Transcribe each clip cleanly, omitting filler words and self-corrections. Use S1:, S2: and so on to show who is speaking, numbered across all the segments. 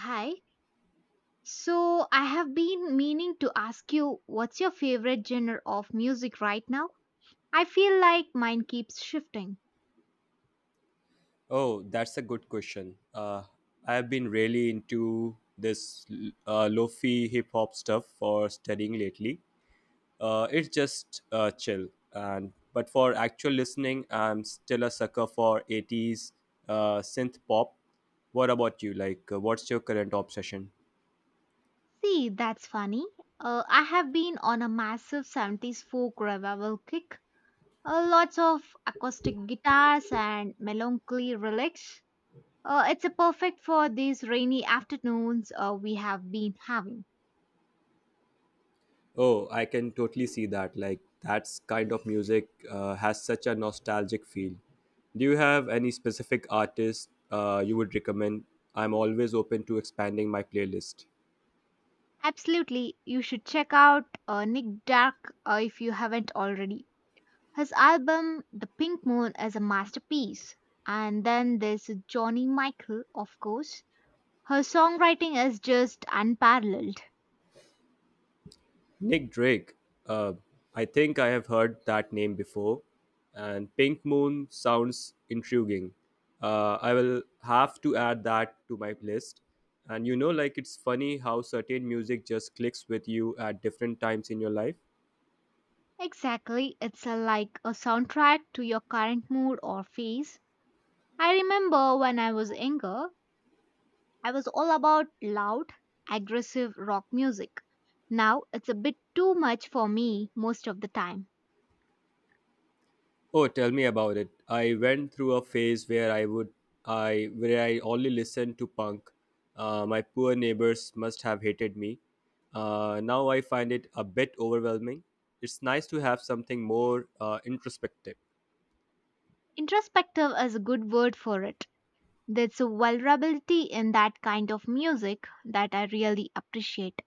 S1: Hi. So I have been meaning to ask you, what's your favorite genre of music right now? I feel like mine keeps shifting.
S2: Oh, that's a good question. I have been really into this lofi hip hop stuff for studying lately. It's just chill, and but for actual listening, I'm still a sucker for 80s synth pop. What about you? Like, what's your current obsession?
S1: See, that's funny. I have been on a massive 70s folk revival kick. Lots of acoustic guitars and melancholy relics. It's a perfect for these rainy afternoons we have been having.
S2: Oh, I can totally see that. Like, that's kind of music has such a nostalgic feel. Do you have any specific artist you would recommend? I'm always open to expanding my playlist.
S1: Absolutely, you should check out Nick Dark if you haven't already. His album The Pink Moon is a masterpiece. And then there's Johnny Michael, of course. Her songwriting is just unparalleled.
S2: Nick Drake. Uh, I think I have heard that name before. And Pink Moon sounds intriguing. I will have to add that to my list. And you know, like, it's funny how certain music just clicks with you at different times in your life.
S1: Exactly, it's a, like a soundtrack to your current mood or phase. I remember when I was younger, I was all about loud, aggressive rock music. Now it's a bit too much for me most of the time.
S2: Oh, tell me about it. I went through a phase where I would I where I only listened to punk. My poor neighbors must have hated me. Now I find it a bit overwhelming. It's nice to have something more introspective.
S1: Introspective is a good word for it. There's a vulnerability in that kind of music that I really appreciate.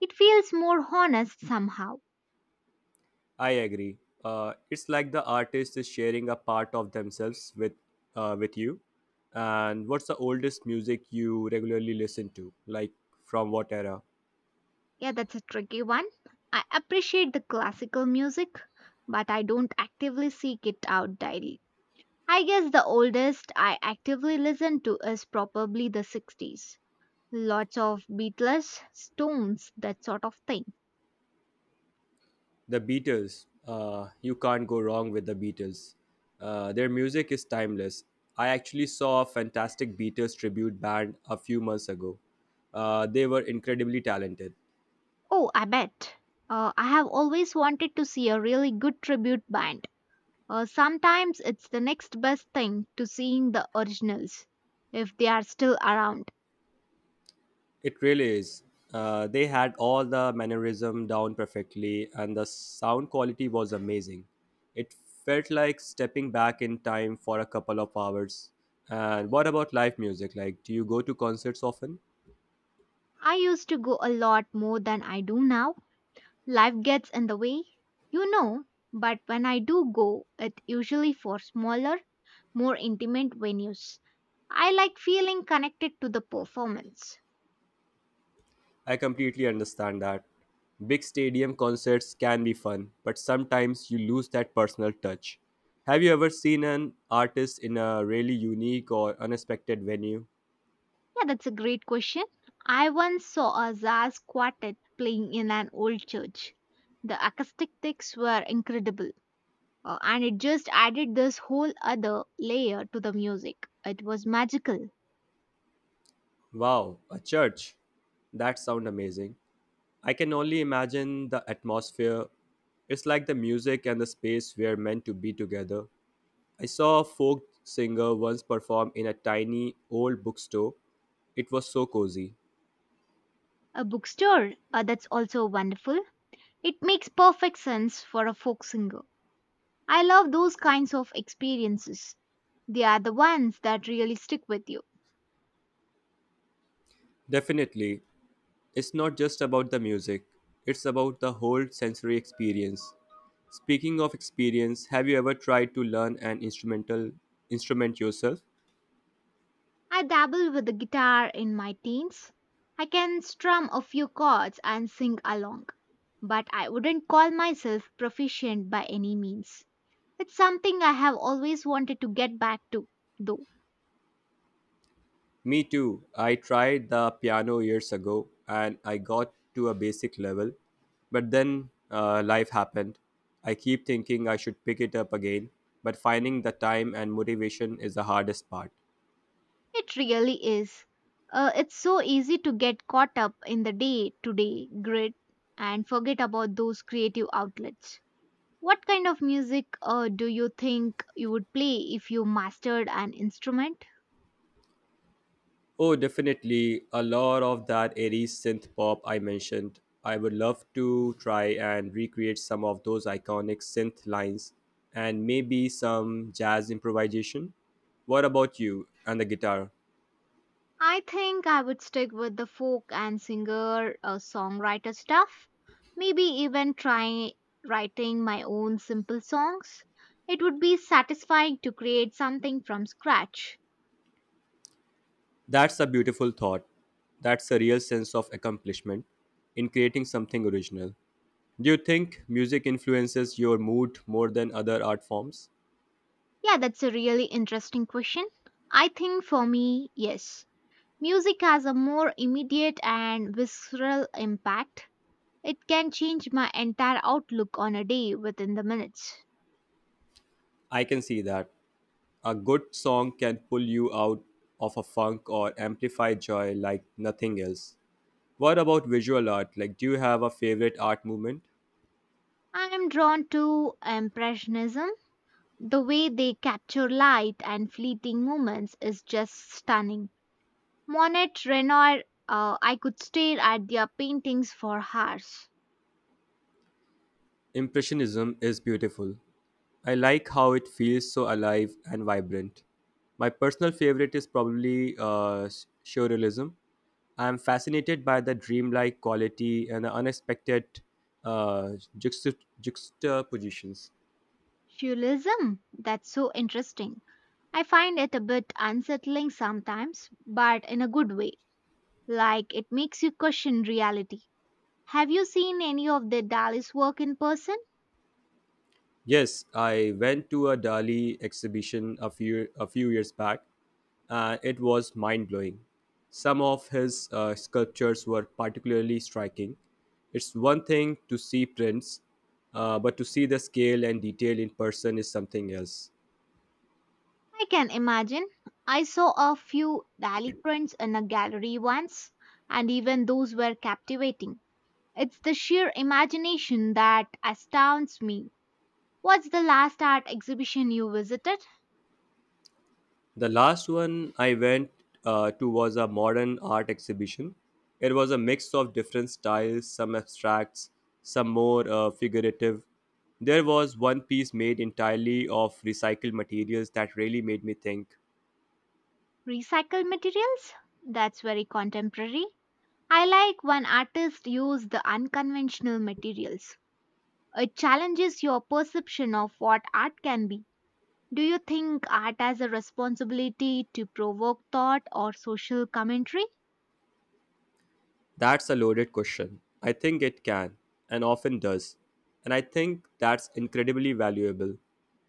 S1: It feels more honest somehow.
S2: I agree. It's like the artist is sharing a part of themselves with you. And what's the oldest music you regularly listen to? Like, from what era?
S1: Yeah, that's a tricky one. I appreciate the classical music, but I don't actively seek it out daily. I guess the oldest I actively listen to is probably the 60s. Lots of Beatles, Stones, that sort of thing.
S2: The Beatles, you can't go wrong with the Beatles. Their music is timeless. I actually saw a fantastic Beatles tribute band a few months ago. They were incredibly talented.
S1: Oh, I bet. I have always wanted to see a really good tribute band. Sometimes it's the next best thing to seeing the originals if they are still around.
S2: It really is. They had all the mannerism down perfectly, and the sound quality was amazing. It felt like stepping back in time for a couple of hours. And what about live music? Like, do you go to concerts often?
S1: I used to go a lot more than I do now. Life gets in the way, you know, but when I do go, it's usually for smaller, more intimate venues. I like feeling connected to the performance.
S2: I completely understand that. Big stadium concerts can be fun, but sometimes you lose that personal touch. Have you ever seen an artist in a really unique or unexpected venue?
S1: Yeah, that's a great question. I once saw a jazz quartet playing in an old church. The acoustics were incredible. And it just added this whole other layer to the music. It was magical.
S2: Wow, a church. That sounds amazing. I can only imagine the atmosphere. It's like the music and the space were meant to be together. I saw a folk singer once perform in a tiny old bookstore. It was so cozy.
S1: A bookstore, that's also wonderful. It makes perfect sense for a folk singer. I love those kinds of experiences. They are the ones that really stick with you.
S2: Definitely, it's not just about the music, it's about the whole sensory experience. Speaking of experience, have you ever tried to learn an instrument yourself?
S1: I dabble with the guitar in my teens. I can strum a few chords and sing along, but I wouldn't call myself proficient by any means. It's something I have always wanted to get back to, though.
S2: Me too. I tried the piano years ago and I got to a basic level, but then life happened. I keep thinking I should pick it up again, but finding the time and motivation is the hardest part.
S1: It really is. It's so easy to get caught up in the day to day grid and forget about those creative outlets. What kind of music do you think you would play if you mastered an instrument?
S2: Oh, definitely. A lot of that airy synth pop I mentioned. I would love to try and recreate some of those iconic synth lines and maybe some jazz improvisation. What about you and the guitar?
S1: I think I would stick with the folk and singer songwriter stuff. Maybe even try writing my own simple songs. It would be satisfying to create something from scratch.
S2: That's a beautiful thought. That's a real sense of accomplishment in creating something original. Do you think music influences your mood more than other art forms?
S1: Yeah, that's a really interesting question. I think for me, yes. Music has a more immediate and visceral impact. It can change my entire outlook on a day within the minutes.
S2: I can see that. A good song can pull you out of a funk or amplify joy like nothing else. What about visual art? Like, do you have a favorite art movement?
S1: I am drawn to Impressionism. The way they capture light and fleeting moments is just stunning. Monet, Renoir, I could stare at their paintings for hours.
S2: Impressionism is beautiful. I like how it feels so alive and vibrant. My personal favorite is probably surrealism. I am fascinated by the dreamlike quality and the unexpected uh, juxtapositions.
S1: Surrealism, that's so interesting. I find it a bit unsettling sometimes, but in a good way. Like it makes you question reality. Have you seen any of the Dali's work in person?
S2: Yes, I went to a Dali exhibition a few years back, and it was mind blowing. Some of his sculptures were particularly striking. It's one thing to see prints, but to see the scale and detail in person is something else.
S1: I can imagine. I saw a few Dali prints in a gallery once, and even those were captivating. It's the sheer imagination that astounds me. What's the last art exhibition you visited?
S2: The last one I went to was a modern art exhibition. It was a mix of different styles, some abstracts, some more figurative. There was one piece made entirely of recycled materials that really made me think.
S1: Recycled materials? That's very contemporary. I like when artists use the unconventional materials. It challenges your perception of what art can be. Do you think art has a responsibility to provoke thought or social commentary?
S2: That's a loaded question. I think it can, and often does. And I think that's incredibly valuable.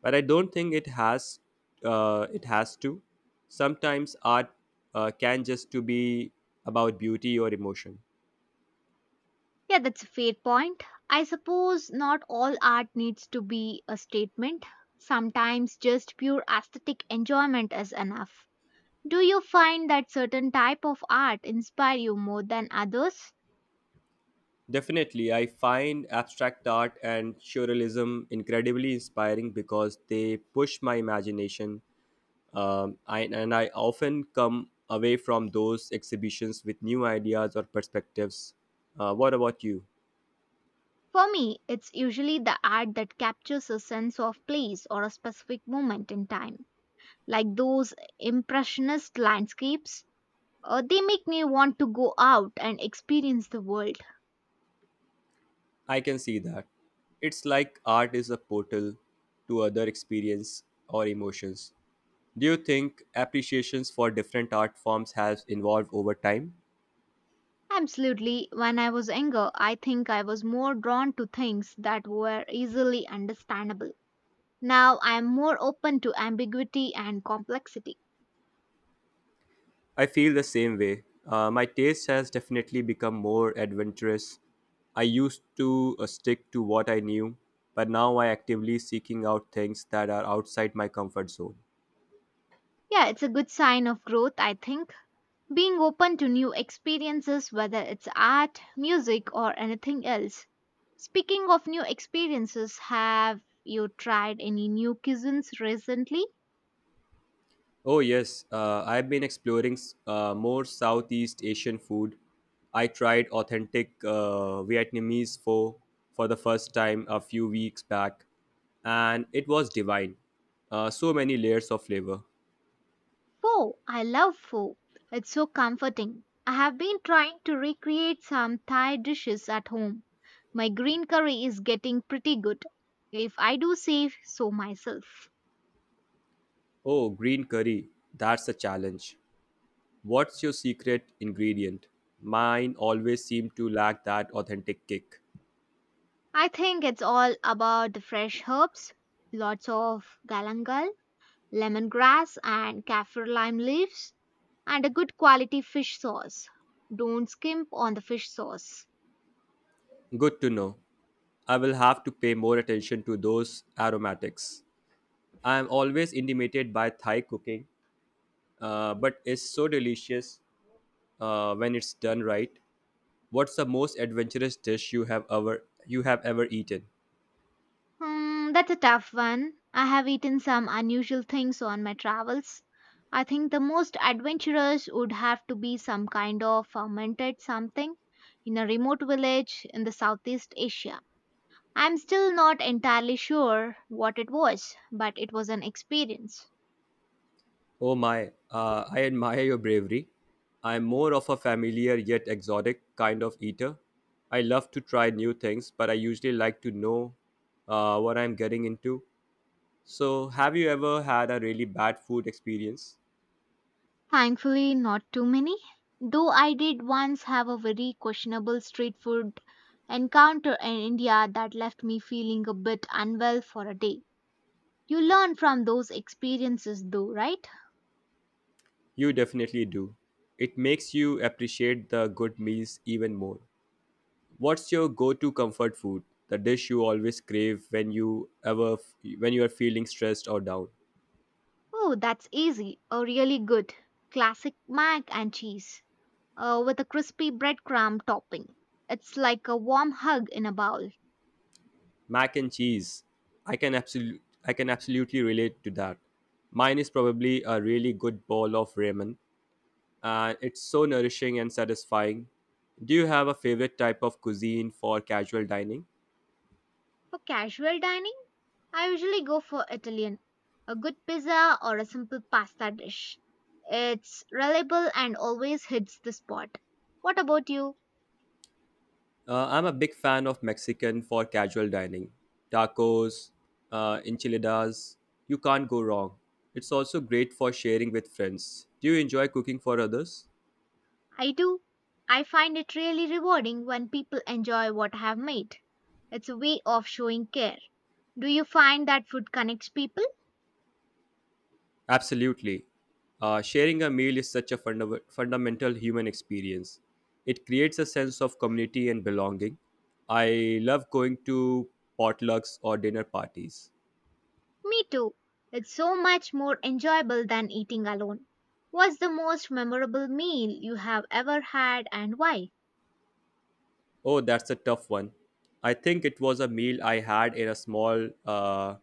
S2: But I don't think it has it has to. Sometimes art can just to be about beauty or emotion.
S1: Yeah, that's a fair point. I suppose not all art needs to be a statement. Sometimes just pure aesthetic enjoyment is enough. Do you find that certain type of art inspire you more than others?
S2: Definitely, I find abstract art and surrealism incredibly inspiring because they push my imagination and I often come away from those exhibitions with new ideas or perspectives. What about you?
S1: For me, it's usually the art that captures a sense of place or a specific moment in time, like those impressionist landscapes. They make me want to go out and experience the world.
S2: I can see that. It's like art is a portal to other experience or emotions. Do you think appreciations for different art forms has evolved over time?
S1: Absolutely, when I was younger, I think I was more drawn to things that were easily understandable. Now I am more open to ambiguity and complexity.
S2: I feel the same way. My taste has definitely become more adventurous. I used to stick to what I knew, but now I actively seeking out things that are outside my comfort zone.
S1: Yeah, it's a good sign of growth, I think. Being open to new experiences, whether it's art, music, or anything else. Speaking of new experiences, have you tried any new cuisines recently?
S2: Oh yes, I've been exploring more Southeast Asian food. I tried authentic Vietnamese pho for the first time a few weeks back, and it was divine. So many layers of flavor.
S1: Pho. I love pho. It's so comforting. I have been trying to recreate some Thai dishes at home. My green curry is getting pretty good, if I do say so myself.
S2: Oh, green curry, that's a challenge. What's your secret ingredient? Mine always seem to lack that authentic kick.
S1: I think it's all about the fresh herbs, lots of galangal, lemongrass and kaffir lime leaves, and a good quality fish sauce. Don't skimp on the fish sauce.
S2: Good to know. I will have to pay more attention to those aromatics. I am always intimidated by Thai cooking, but it's so delicious when it's done right. What's the most adventurous dish you have ever eaten?
S1: Hmm, that's a tough one. I have eaten some unusual things on my travels. I think the most adventurous would have to be some kind of fermented something in a remote village in the Southeast Asia. I'm still not entirely sure what it was, but it was an experience.
S2: Oh my, I admire your bravery. I'm more of a familiar yet exotic kind of eater. I love to try new things, but I usually like to know what I'm getting into. So, have you ever had a really bad food experience?
S1: Thankfully, not too many. Though I did once have a very questionable street food encounter in India that left me feeling a bit unwell for a day. You learn from those experiences though, right?
S2: You definitely do. It makes you appreciate the good meals even more. What's your go-to comfort food? The dish you always crave when you are feeling stressed or down?
S1: Oh, that's easy. A really good classic mac and cheese with a crispy breadcrumb topping. It's like a warm hug in a bowl.
S2: Mac and cheese, i can absolutely I can absolutely relate to that. Mine is probably a really good bowl of ramen, and it's so nourishing and satisfying. Do you have a favorite type of cuisine for casual dining?
S1: For casual dining, I usually go for Italian, a good pizza or a simple pasta dish. It's reliable and always hits the spot. What about you?
S2: I'm a big fan of mexican for casual dining. Tacos, enchiladas, you can't go wrong. It's also great for sharing with friends. Do you enjoy cooking for others?
S1: I do. I find it really rewarding when people enjoy what I have made. It's a way of showing care. Do you find that food connects people?
S2: Absolutely. Sharing a meal is such a fundamental human experience. It creates a sense of community and belonging. I love going to potlucks or dinner parties.
S1: Me too. It's so much more enjoyable than eating alone. What's the most memorable meal you have ever had and why?
S2: Oh, that's a tough one. I think it was a meal I had in a small uh,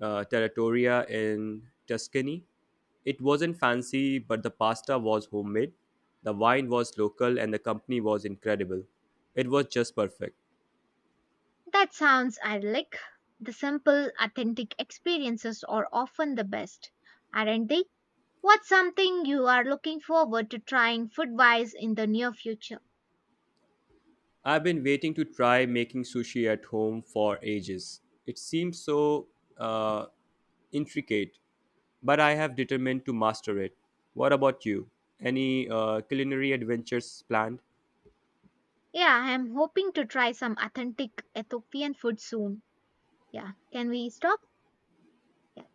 S2: uh, territoria in Tuscany. It wasn't fancy, but the pasta was homemade, the wine was local, and the company was incredible. It was just perfect.
S1: That sounds idyllic. The simple, authentic experiences are often the best, aren't they? What's something you are looking forward to trying food wise in the near future?
S2: I've been waiting to try making sushi at home for ages. It seems so uh, intricate, but I have determined to master it. What about you? Any culinary adventures planned?
S1: Yeah, I am hoping to try some authentic Ethiopian food soon. Yeah, can we stop? Yeah.